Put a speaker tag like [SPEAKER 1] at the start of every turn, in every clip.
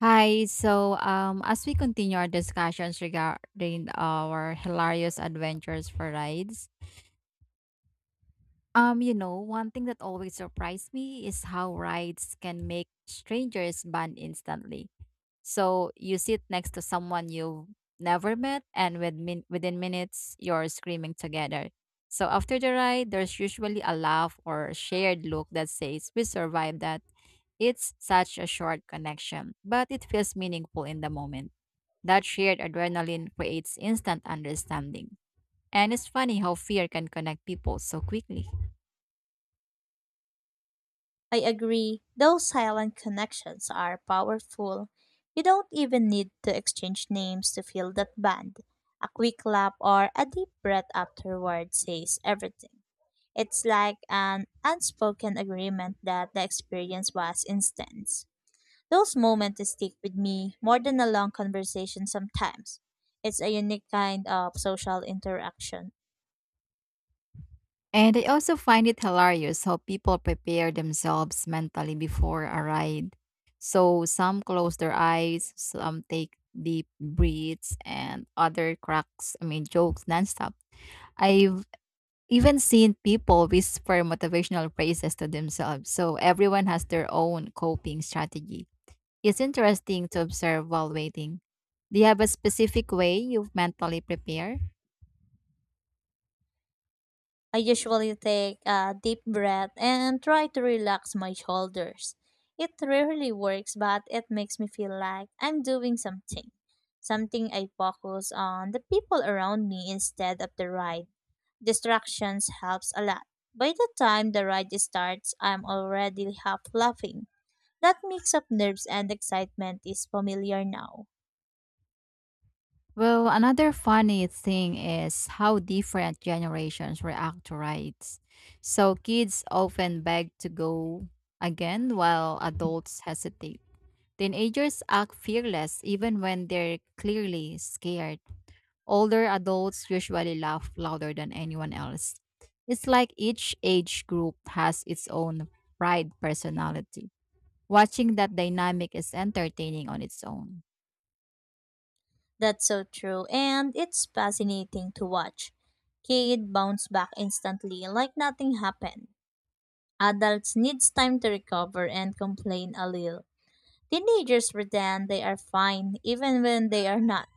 [SPEAKER 1] Hi. As we continue our discussions regarding our hilarious adventures for rides, one thing that always surprised me is how rides can make strangers bond instantly. So you sit next to someone you've never met, and within minutes, you're screaming together. So after the ride, there's usually a laugh or a shared look that says, "We survived that." It's such a short connection, but it feels meaningful in the moment. That shared adrenaline creates instant understanding. And it's funny how fear can connect people so quickly.
[SPEAKER 2] I agree. Those silent connections are powerful. You don't even need to exchange names to feel that bond. A quick laugh or a deep breath afterward says everything. It's like an unspoken agreement that the experience was intense. Those moments stick with me more than a long conversation sometimes. It's a unique kind of social interaction.
[SPEAKER 1] And I also find it hilarious how people prepare themselves mentally before a ride. So some close their eyes, some take deep breaths, and other cracks, I mean, jokes nonstop. I've even seen people whisper motivational phrases to themselves. So everyone has their own coping strategy. It's interesting to observe while waiting. Do you have a specific way you mentally prepare?
[SPEAKER 2] I usually take a deep breath and try to relax my shoulders. It rarely works, but it makes me feel like I'm doing something. Something I focus on the people around me instead of the ride. Distractions helps a lot. By the time the ride starts, I'm already half laughing. That mix of nerves and excitement is familiar now.
[SPEAKER 1] Well, another funny thing is how different generations react to rides. So kids often beg to go again while adults hesitate. Teenagers act fearless even when they're clearly scared. Older adults usually laugh louder than anyone else. It's like each age group has its own ride personality. Watching that dynamic is entertaining on its own.
[SPEAKER 2] That's so true, and it's fascinating to watch. Kid bounce back instantly like nothing happened. Adults needs time to recover and complain a little. Teenagers pretend they are fine even when they are not.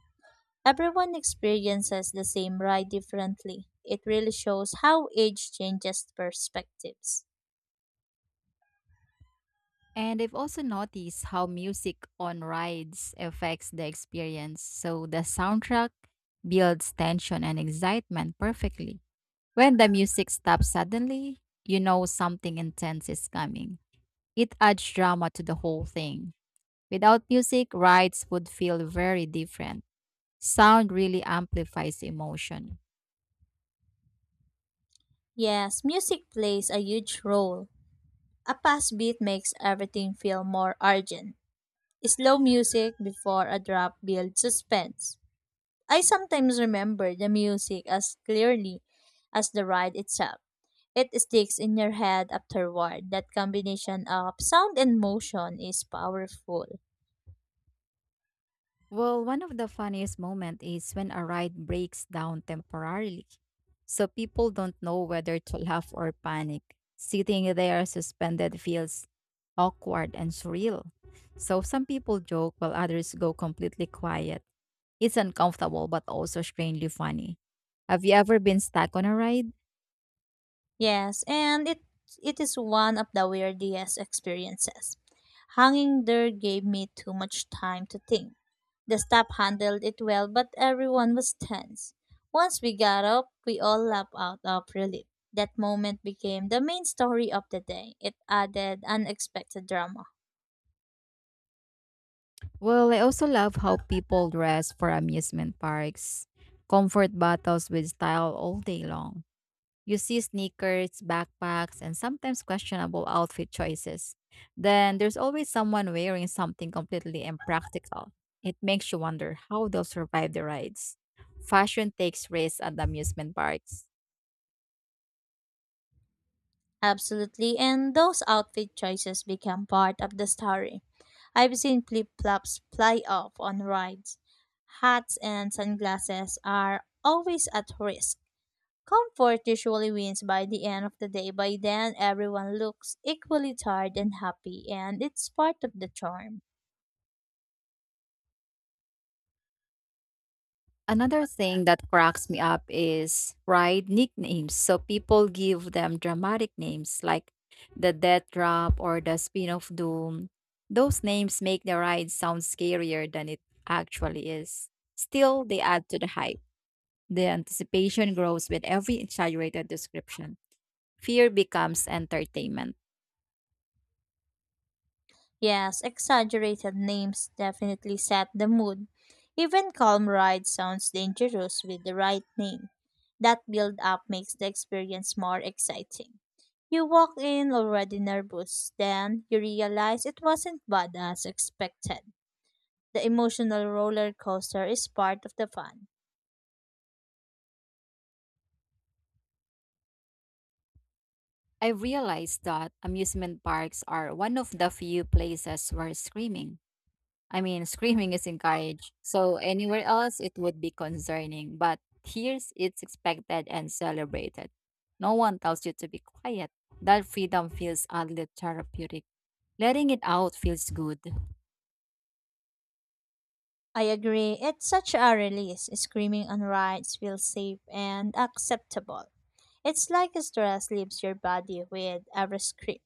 [SPEAKER 2] Everyone experiences the same ride differently. It really shows how age changes perspectives.
[SPEAKER 1] And I've also noticed how music on rides affects the experience. So the soundtrack builds tension and excitement perfectly. When the music stops suddenly, you know something intense is coming. It adds drama to the whole thing. Without music, rides would feel very different. Sound really amplifies emotion.
[SPEAKER 2] Yes, music plays a huge role. A fast beat makes everything feel more urgent. Slow music before a drop builds suspense. I sometimes remember the music as clearly as the ride itself. It sticks in your head afterward. That combination of sound and motion is powerful.
[SPEAKER 1] Well, one of the funniest moments is when a ride breaks down temporarily. So people don't know whether to laugh or panic. Sitting there suspended feels awkward and surreal. So some people joke while others go completely quiet. It's uncomfortable but also strangely funny. Have you ever been stuck on a ride?
[SPEAKER 2] Yes, and it is one of the weirdest experiences. Hanging there gave me too much time to think. The staff handled it well, but everyone was tense. Once we got up, we all laughed out of relief. That moment became the main story of the day. It added unexpected drama.
[SPEAKER 1] Well, I also love how people dress for amusement parks, comfort battles with style all day long. You see sneakers, backpacks, and sometimes questionable outfit choices. Then there's always someone wearing something completely impractical. It makes you wonder how they'll survive the rides. Fashion takes risks at the amusement parks.
[SPEAKER 2] Absolutely, and those outfit choices become part of the story. I've seen flip flops fly off on rides. Hats and sunglasses are always at risk. Comfort usually wins by the end of the day. By then, everyone looks equally tired and happy, and it's part of the charm.
[SPEAKER 1] Another thing that cracks me up is ride nicknames. So people give them dramatic names like the Death Drop or the Spin of Doom. Those names make the ride sound scarier than it actually is. Still, they add to the hype. The anticipation grows with every exaggerated description. Fear becomes entertainment.
[SPEAKER 2] Yes, exaggerated names definitely set the mood. Even calm ride sounds dangerous with the right name. That build up makes the experience more exciting. You walk in already nervous, then you realize it wasn't bad as expected. The emotional roller coaster is part of the fun.
[SPEAKER 1] I realized that amusement parks are one of the few places where screaming is encouraged, so anywhere else it would be concerning, but here it's expected and celebrated. No one tells you to be quiet. That freedom feels oddly therapeutic. Letting it out feels good.
[SPEAKER 2] I agree. It's such a release. Screaming on rides feels safe and acceptable. It's like stress leaves your body with every scream.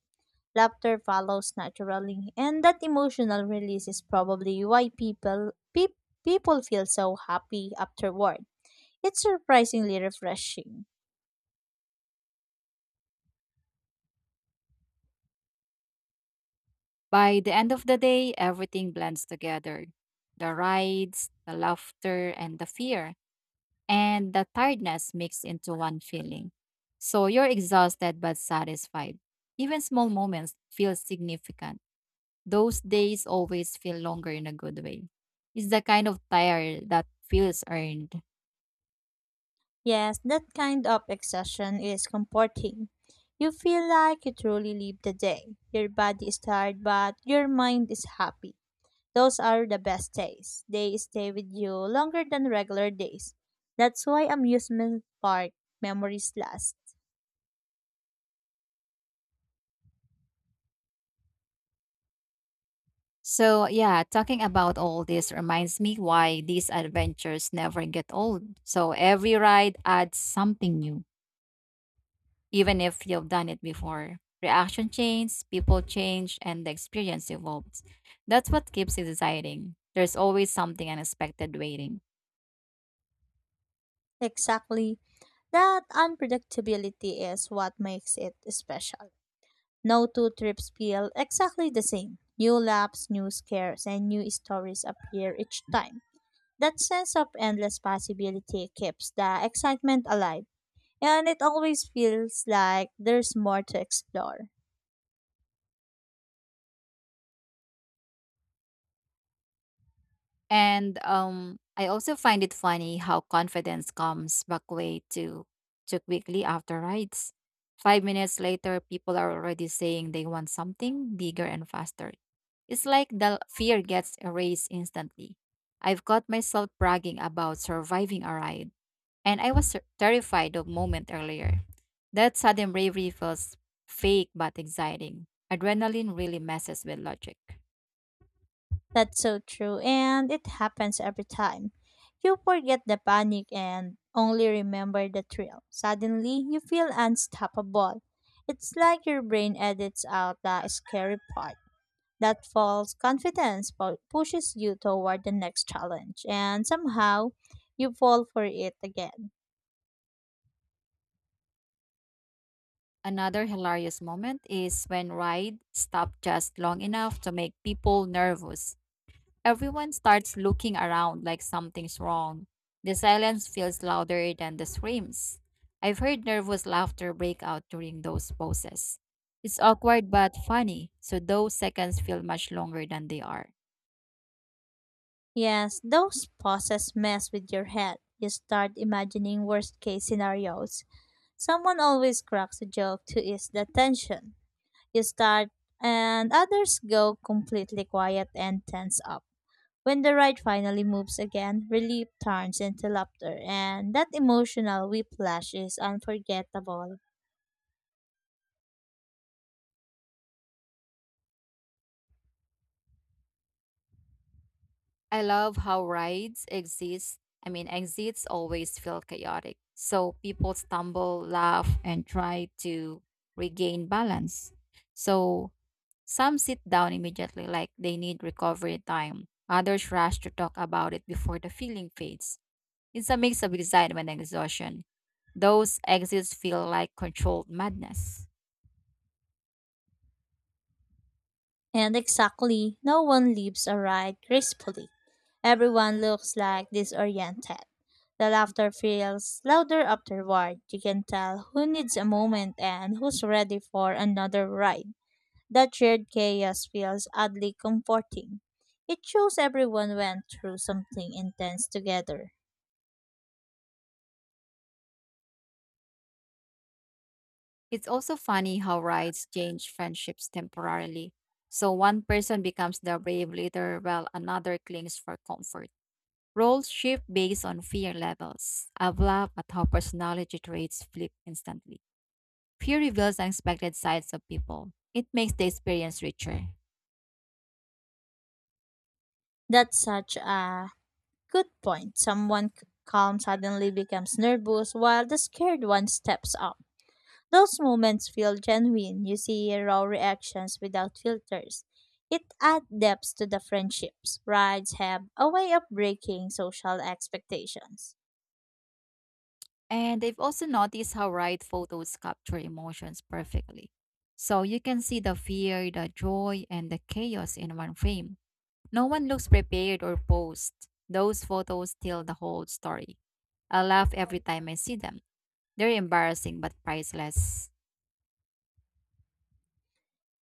[SPEAKER 2] Laughter follows naturally, and that emotional release is probably why people feel so happy afterward. It's surprisingly refreshing.
[SPEAKER 1] By the end of the day, everything blends together, the rides, the laughter, and the fear, and the tiredness mixed into one feeling. So you're exhausted but satisfied. Even small moments feel significant. Those days always feel longer in a good way. It's the kind of tire that feels earned.
[SPEAKER 2] Yes, that kind of exhaustion is comforting. You feel like you truly live the day. Your body is tired, but your mind is happy. Those are the best days. They stay with you longer than regular days. That's why amusement park memories last.
[SPEAKER 1] So, yeah, talking about all this reminds me why these adventures never get old. So, every ride adds something new, even if you've done it before. Reaction changes, people change, and the experience evolves. That's what keeps it exciting. There's always something unexpected waiting.
[SPEAKER 2] Exactly. That unpredictability is what makes it special. No two trips feel exactly the same. New laps, new scares, and new stories appear each time. That sense of endless possibility keeps the excitement alive, and it always feels like there's more to explore.
[SPEAKER 1] And I also find it funny how confidence comes back way too quickly after rides. 5 minutes later, people are already saying they want something bigger and faster. It's like the fear gets erased instantly. I've caught myself bragging about surviving a ride, and I was terrified a moment earlier. That sudden bravery feels fake but exciting. Adrenaline really messes with logic.
[SPEAKER 2] That's so true, and it happens every time. You forget the panic and only remember the thrill. Suddenly, you feel unstoppable. It's like your brain edits out the scary part. That false confidence pushes you toward the next challenge, and somehow you fall for it again.
[SPEAKER 1] Another hilarious moment is when Ride stopped just long enough to make people nervous. Everyone starts looking around like something's wrong. The silence feels louder than the screams. I've heard nervous laughter break out during those pauses. It's awkward but funny, so those seconds feel much longer than they are.
[SPEAKER 2] Yes, those pauses mess with your head. You start imagining worst case scenarios. Someone always cracks a joke to ease the tension. You start, and others go completely quiet and tense up. When the ride finally moves again, relief turns into laughter, and that emotional whiplash is unforgettable.
[SPEAKER 1] I love how rides exist. I mean, exits always feel chaotic. So people stumble, laugh, and try to regain balance. So some sit down immediately, like they need recovery time. Others rush to talk about it before the feeling fades. It's a mix of excitement and exhaustion. Those exits feel like controlled madness.
[SPEAKER 2] And exactly, no one leaves a ride gracefully. Everyone looks like disoriented. The laughter feels louder afterward. You can tell who needs a moment and who's ready for another ride. That shared chaos feels oddly comforting. It shows everyone went through something intense together.
[SPEAKER 1] It's also funny how rides change friendships temporarily. So one person becomes the brave leader while another clings for comfort. Roles shift based on fear levels. I've laughed at how personality traits flip instantly. Fear reveals unexpected sides of people. It makes the experience richer.
[SPEAKER 2] That's such a good point. Someone calm suddenly becomes nervous while the scared one steps up. Those moments feel genuine. You see raw reactions without filters. It adds depth to the friendships. Rides have a way of breaking social expectations.
[SPEAKER 1] And they've also noticed how ride photos capture emotions perfectly. So you can see the fear, the joy, and the chaos in one frame. No one looks prepared or posed. Those photos tell the whole story. I laugh every time I see them. They're embarrassing but priceless.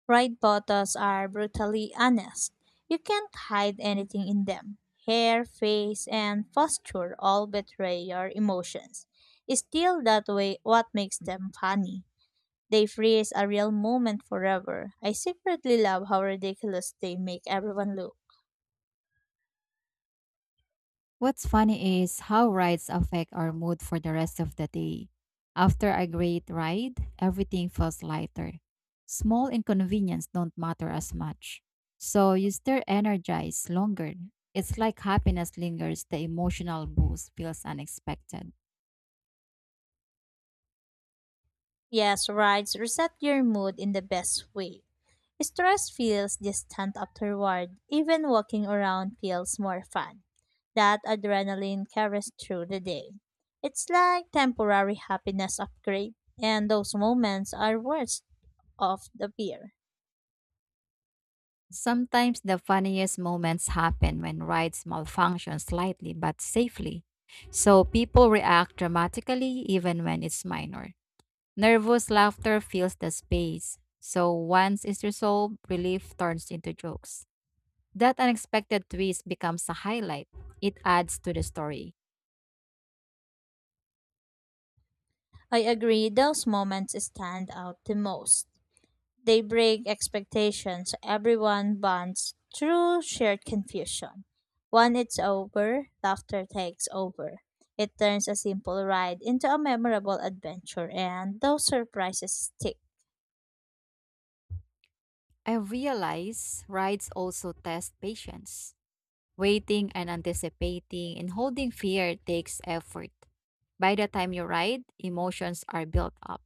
[SPEAKER 2] Ride photos are brutally honest. You can't hide anything in them. Hair, face, and posture all betray your emotions. Still, that way, what makes them funny? They freeze a real moment forever. I secretly love how ridiculous they make everyone look.
[SPEAKER 1] What's funny is how rides affect our mood for the rest of the day. After a great ride, everything feels lighter. Small inconveniences don't matter as much. So you stay energized longer. It's like happiness lingers, the emotional boost feels unexpected.
[SPEAKER 2] Yes, rides reset your mood in the best way. Stress feels distant afterward. Even walking around feels more fun. That adrenaline carries through the day. It's like temporary happiness upgrade, and those moments are worth of the beer.
[SPEAKER 1] Sometimes the funniest moments happen when rides malfunction slightly but safely. So people react dramatically even when it's minor. Nervous laughter fills the space. So once it's resolved, relief turns into jokes. That unexpected twist becomes a highlight. It adds to the story.
[SPEAKER 2] I agree, those moments stand out the most. They break expectations. Everyone bonds through shared confusion. When it's over, laughter takes over. It turns a simple ride into a memorable adventure, and those surprises stick.
[SPEAKER 1] I realize rides also test patience. Waiting and anticipating and holding fear takes effort. By the time you ride, emotions are built up.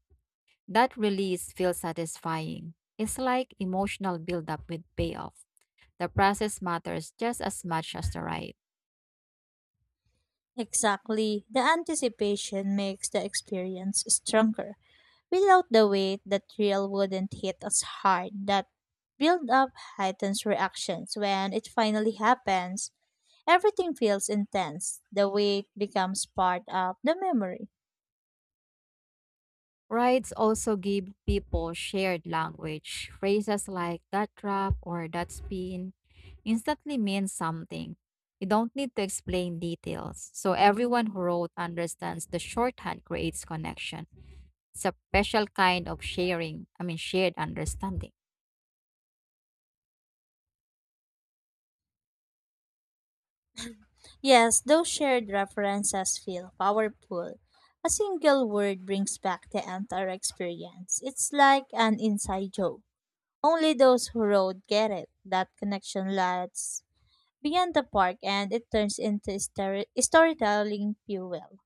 [SPEAKER 1] That release feels satisfying. It's like emotional buildup with payoff. The process matters just as much as the ride.
[SPEAKER 2] Exactly, the anticipation makes the experience stronger. Without the weight, the thrill wouldn't hit as hard. That build up heightens reactions when it finally happens. Everything feels intense. The weight becomes part of the memory.
[SPEAKER 1] Rides also give people shared language. Phrases like that drop or that spin instantly mean something. You don't need to explain details, so everyone who rode understands the shorthand creates connection. It's a special kind of shared understanding.
[SPEAKER 2] Yes, those shared references feel powerful. A single word brings back the entire experience. It's like an inside joke. Only those who rode get it. That connection lasts beyond the park and it turns into storytelling fuel.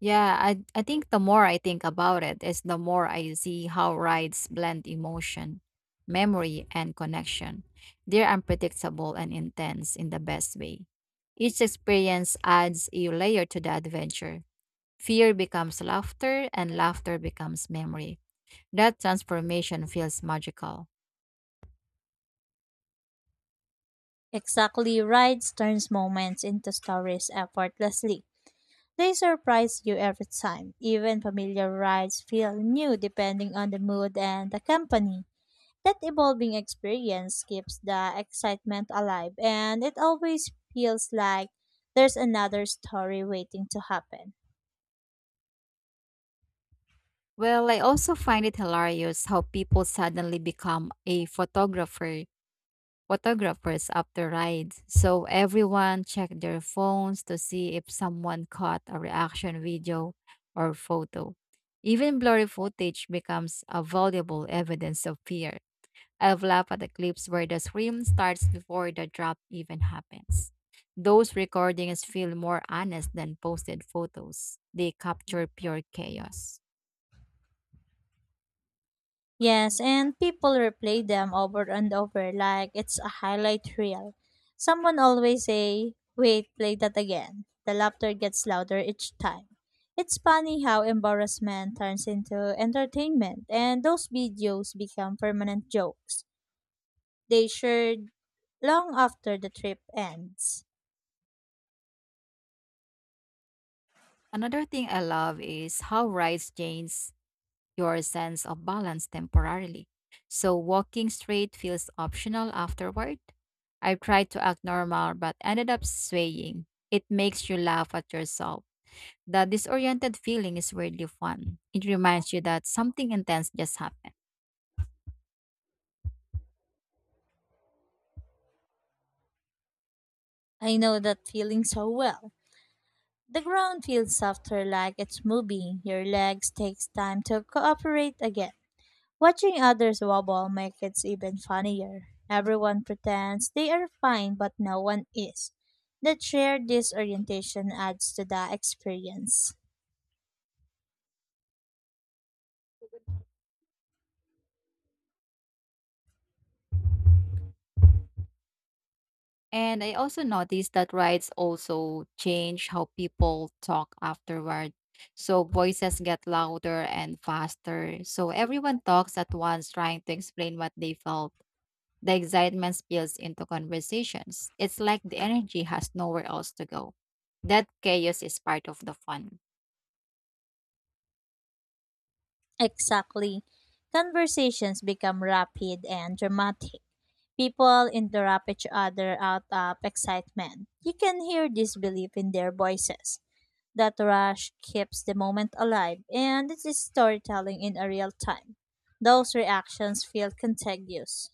[SPEAKER 1] Yeah, I think the more I think about it, is the more I see how rides blend emotion, memory, and connection. They're unpredictable and intense in the best way. Each experience adds a layer to the adventure. Fear becomes laughter, and laughter becomes memory. That transformation feels magical.
[SPEAKER 2] Exactly rides turns moments into stories effortlessly. They surprise you every time. Even familiar rides feel new depending on the mood and the company. That evolving experience keeps the excitement alive and it always feels like there's another story waiting to happen.
[SPEAKER 1] Well, I also find it hilarious how people suddenly become a photographers after rides, so everyone checked their phones to see if someone caught a reaction video or photo. Even blurry footage becomes a valuable evidence of fear. I've laughed at the clips where the scream starts before the drop even happens. Those recordings feel more honest than posted photos. They capture pure chaos.
[SPEAKER 2] Yes, and people replay them over and over like it's a highlight reel. Someone always say, "Wait, play that again." The laughter gets louder each time. It's funny how embarrassment turns into entertainment, and those videos become permanent jokes. They shared long after the trip ends.
[SPEAKER 1] Another thing I love is how rides change your sense of balance temporarily. So walking straight feels optional afterward. I tried to act normal but ended up swaying. It makes you laugh at yourself. The disoriented feeling is weirdly fun. It reminds you that something intense just happened.
[SPEAKER 2] I know that feeling so well. The ground feels softer like it's moving. Your legs takes time to cooperate again. Watching others wobble makes it even funnier. Everyone pretends they are fine, but no one is. That shared disorientation adds to the experience.
[SPEAKER 1] And I also noticed that rides also change how people talk afterward. So voices get louder and faster. So everyone talks at once, trying to explain what they felt. The excitement spills into conversations. It's like the energy has nowhere else to go. That chaos is part of the fun.
[SPEAKER 2] Exactly. Conversations become rapid and dramatic. People interrupt each other out of excitement. You can hear disbelief in their voices. That rush keeps the moment alive, and it is storytelling in a real time. Those reactions feel contagious.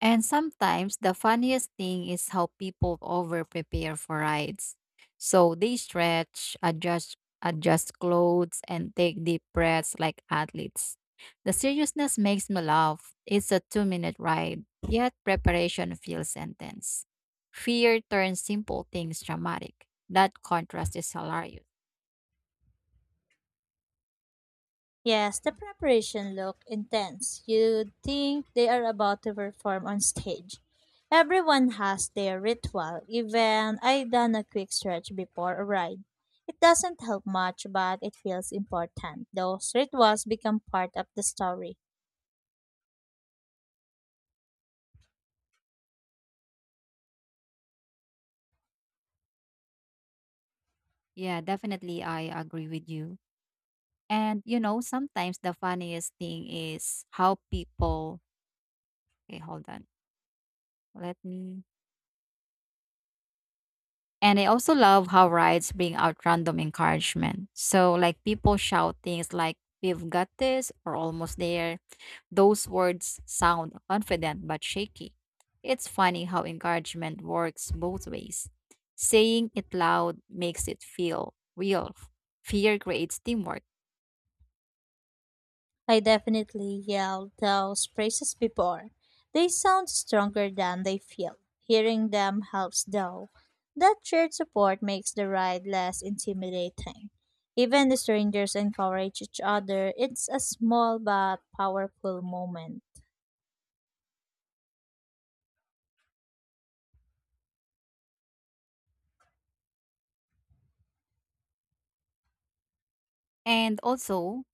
[SPEAKER 1] And sometimes the funniest thing is how people over prepare for rides. So they stretch, adjust clothes and take deep breaths like athletes. The seriousness makes me laugh. It's a 2-minute ride, yet preparation feels intense. Fear turns simple things dramatic. That contrast is hilarious.
[SPEAKER 2] Yes, the preparation looked intense. You'd think they are about to perform on stage. Everyone has their ritual. Even I done a quick stretch before a ride. It doesn't help much, but it feels important. Those rituals become part of the story.
[SPEAKER 1] Yeah, definitely I agree with you. And you know, sometimes the funniest thing is how people Okay, hold on. Let me. And I also love how rides bring out random encouragement. So, like, people shout things like, "We've got this," or "almost there." Those words sound confident but shaky. It's funny how encouragement works both ways. Saying it loud makes it feel real. Fear creates teamwork.
[SPEAKER 2] I definitely yelled those phrases before. They sound stronger than they feel. Hearing them helps though. That shared support makes the ride less intimidating. Even the strangers encourage each other. It's a small but powerful moment.
[SPEAKER 1] And also,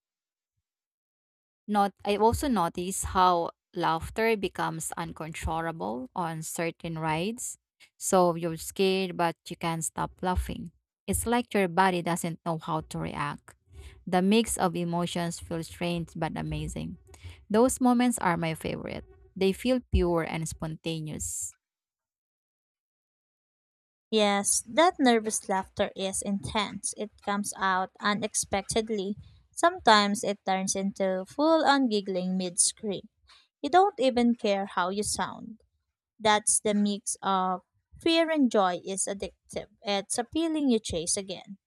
[SPEAKER 1] Not I also notice how laughter becomes uncontrollable on certain rides. So you're scared but you can't stop laughing. It's like your body doesn't know how to react. The mix of emotions feels strange but amazing. Those moments are my favorite. They feel pure and spontaneous.
[SPEAKER 2] Yes, that nervous laughter is intense. It comes out unexpectedly. Sometimes it turns into full on giggling mid scream. You don't even care how you sound. That's the mix of fear and joy is addictive. It's a feeling you chase again.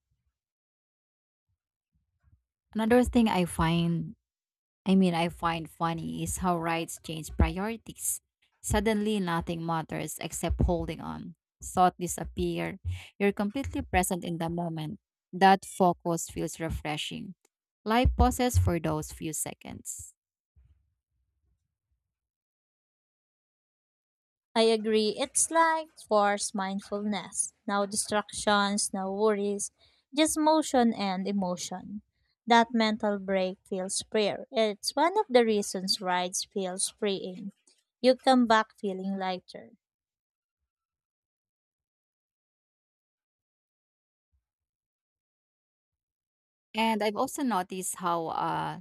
[SPEAKER 1] Another thing I find I mean, I find funny is how rights change priorities. Suddenly, nothing matters except holding on. Thought disappear. You're completely present in the moment. That focus feels refreshing. Life pauses for those few seconds.
[SPEAKER 2] I agree. It's like forced mindfulness. No distractions, no worries, just motion and emotion. That mental break feels rare. It's one of the reasons rides feels freeing. You come back feeling lighter.
[SPEAKER 1] And I've also noticed how,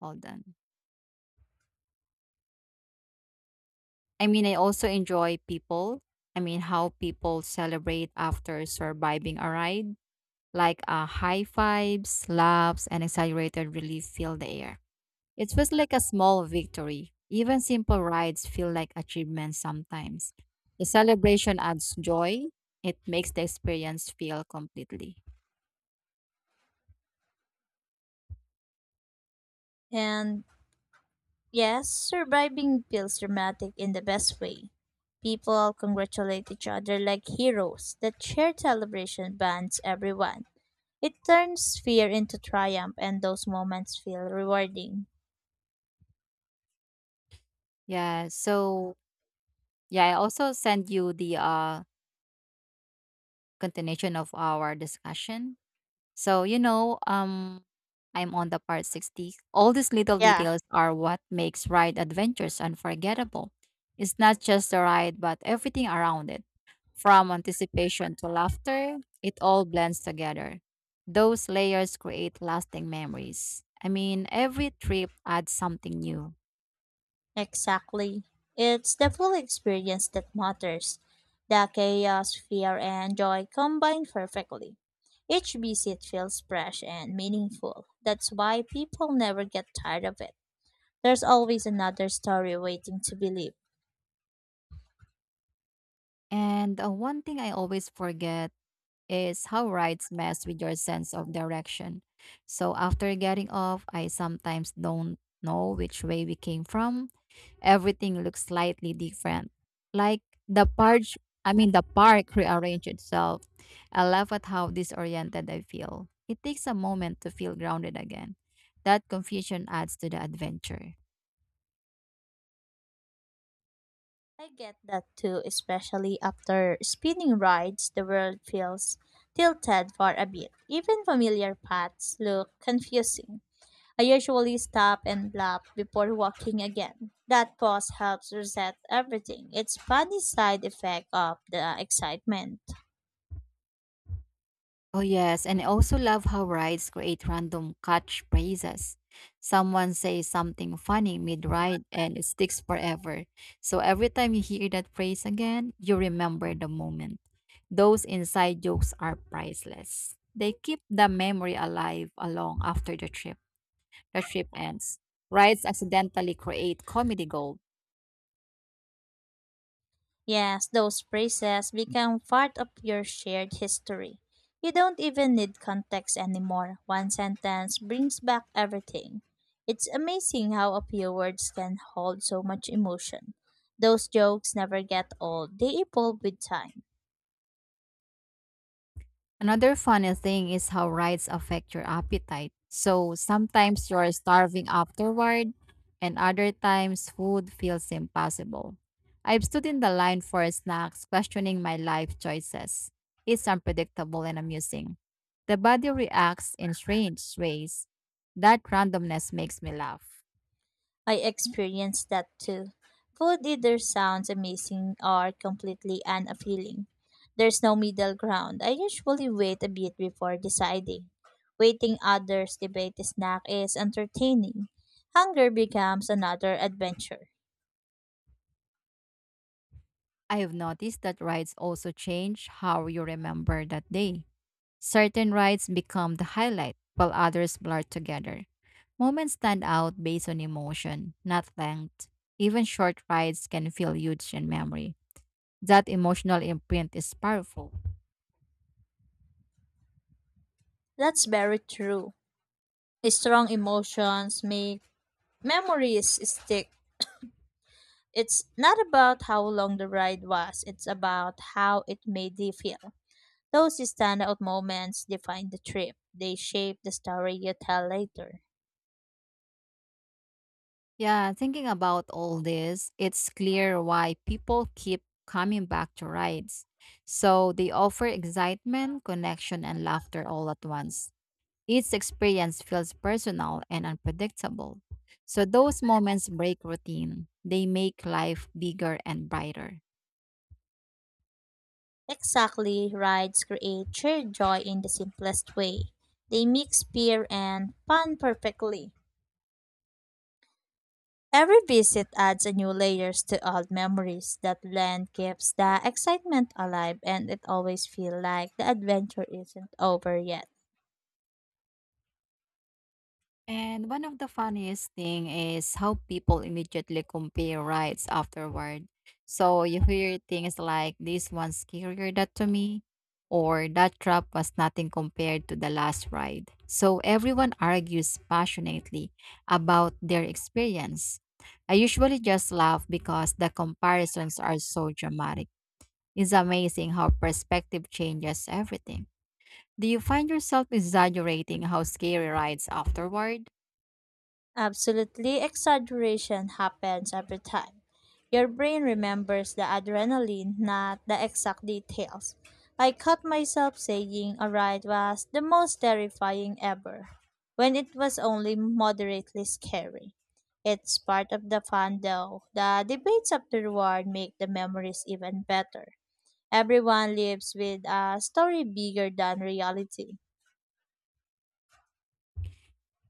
[SPEAKER 1] hold on. I mean, I also enjoy how people celebrate after surviving a ride. Like high fives, laughs, and exaggerated relief fill the air. It feels like a small victory. Even simple rides feel like achievements sometimes. The celebration adds joy, it makes the experience feel completely.
[SPEAKER 2] And yes, surviving feels dramatic in the best way. People congratulate each other like heroes. That shared celebration bonds everyone. It turns fear into triumph, and those moments feel rewarding.
[SPEAKER 1] Yeah, so yeah, I also send you the continuation of our discussion. So, you know, um, I'm on the part 60. All these little
[SPEAKER 2] Yeah,
[SPEAKER 1] details are what makes ride adventures unforgettable. It's not just the ride, but everything around it. From anticipation to laughter, it all blends together. Those layers create lasting memories. I mean, every trip adds something new.
[SPEAKER 2] exactly. It's the full experience that matters. The chaos, fear, and joy combine perfectly. Each visit feels fresh and meaningful. That's why people never get tired of it. There's always another story waiting to be lived.
[SPEAKER 1] And one thing I always forget is how rides mess with your sense of direction. So after getting off, I sometimes don't know which way we came from. Everything looks slightly different. Like the park, the park rearranged itself. I laugh at how disoriented I feel. It takes a moment to feel grounded again. That confusion adds to the adventure.
[SPEAKER 2] I get that too, especially after spinning rides, the world feels tilted for a bit. Even familiar paths look confusing. I usually stop and laugh before walking again. That pause helps reset everything. It's funny side effect of the excitement.
[SPEAKER 1] Oh, yes. And I also love how rides create random catchphrases. Someone says something funny mid ride and it sticks forever. So every time you hear that phrase again, you remember the moment. Those inside jokes are priceless. They keep the memory alive long after the trip. The trip ends. Rides accidentally create comedy gold.
[SPEAKER 2] Yes, those phrases become part of your shared history. You don't even need context anymore. One sentence brings back everything. It's amazing how a few words can hold so much emotion. Those jokes never get old, they evolve with time.
[SPEAKER 1] Another funny thing is how rides affect your appetite. So sometimes you're starving afterward, and other times food feels impossible. I've stood in the line for snacks, questioning my life choices. It's unpredictable and amusing. The body reacts in strange ways. That randomness makes me laugh.
[SPEAKER 2] I experienced that too. Food either sounds amazing or completely unappealing. There's no middle ground. I usually wait a bit before deciding. Waiting others debate a snack is entertaining. Hunger becomes another adventure.
[SPEAKER 1] I have noticed that rides also change how you remember that day. Certain rides become the highlight, while others blur together. Moments stand out based on emotion, not length. Even short rides can feel huge in memory. That emotional imprint is powerful.
[SPEAKER 2] That's very true. Strong emotions make memories stick. It's not about how long the ride was, it's about how it made you feel. Those standout moments define the trip. They shape the story you tell later.
[SPEAKER 1] Yeah, thinking about all this, it's clear why people keep coming back to rides. So they offer excitement, connection, and laughter all at once. Each experience feels personal and unpredictable. So those moments break routine, they make life bigger and brighter.
[SPEAKER 2] Exactly, rides create shared joy in the simplest way. They mix fear and fun perfectly. Every visit adds a new layers to old memories. That blend keeps the excitement alive and it always feels like the adventure isn't over yet.
[SPEAKER 1] And one of the funniest thing is how people immediately compare rides afterward. So you hear things like "this one's scarier that to me" or "that trap was nothing compared to the last ride." So everyone argues passionately about their experience. I usually just laugh because the comparisons are so dramatic. It's amazing how perspective changes everything. Do you find yourself exaggerating how scary rides afterward?
[SPEAKER 2] Absolutely, exaggeration happens every time. Your brain remembers the adrenaline, not the exact details. I caught myself saying a ride was the most terrifying ever, when it was only moderately scary. It's part of the fun though. The debates afterward make the memories even better. Everyone lives with a story bigger than reality.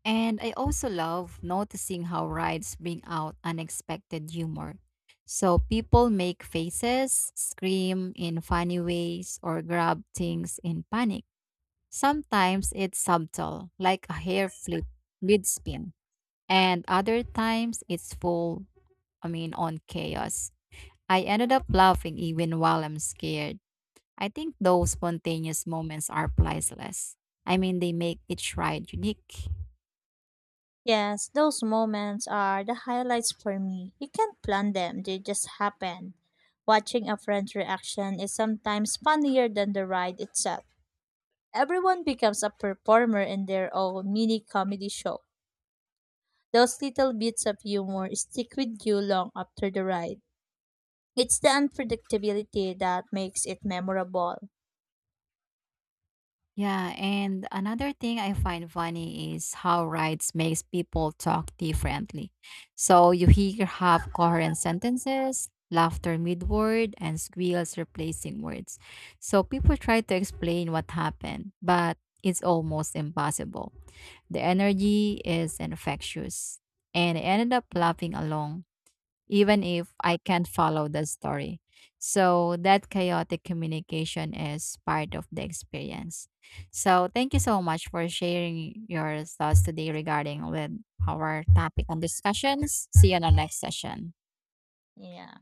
[SPEAKER 1] And I also love noticing how rides bring out unexpected humor. So people make faces, scream in funny ways, or grab things in panic. Sometimes it's subtle, like a hair flip mid spin, and other times it's full, I mean, on chaos. I ended up laughing even while I'm scared. I think those spontaneous moments are priceless. I mean, they make each ride unique.
[SPEAKER 2] Yes, those moments are the highlights for me. You can't plan them, they just happen. Watching a friend's reaction is sometimes funnier than the ride itself. Everyone becomes a performer in their own mini comedy show. Those little bits of humor stick with you long after the ride. It's the unpredictability that makes it memorable.
[SPEAKER 1] Yeah, and another thing I find funny is how rights makes people talk differently. So you hear half coherent sentences, laughter mid-word, and squeals replacing words. So people try to explain what happened, but it's almost impossible. The energy is infectious. And I ended up laughing along even if I can't follow the story. So that chaotic communication is part of the experience. So thank you so much for sharing your thoughts today regarding with our topic and discussions. See you in our next session.
[SPEAKER 2] Yeah.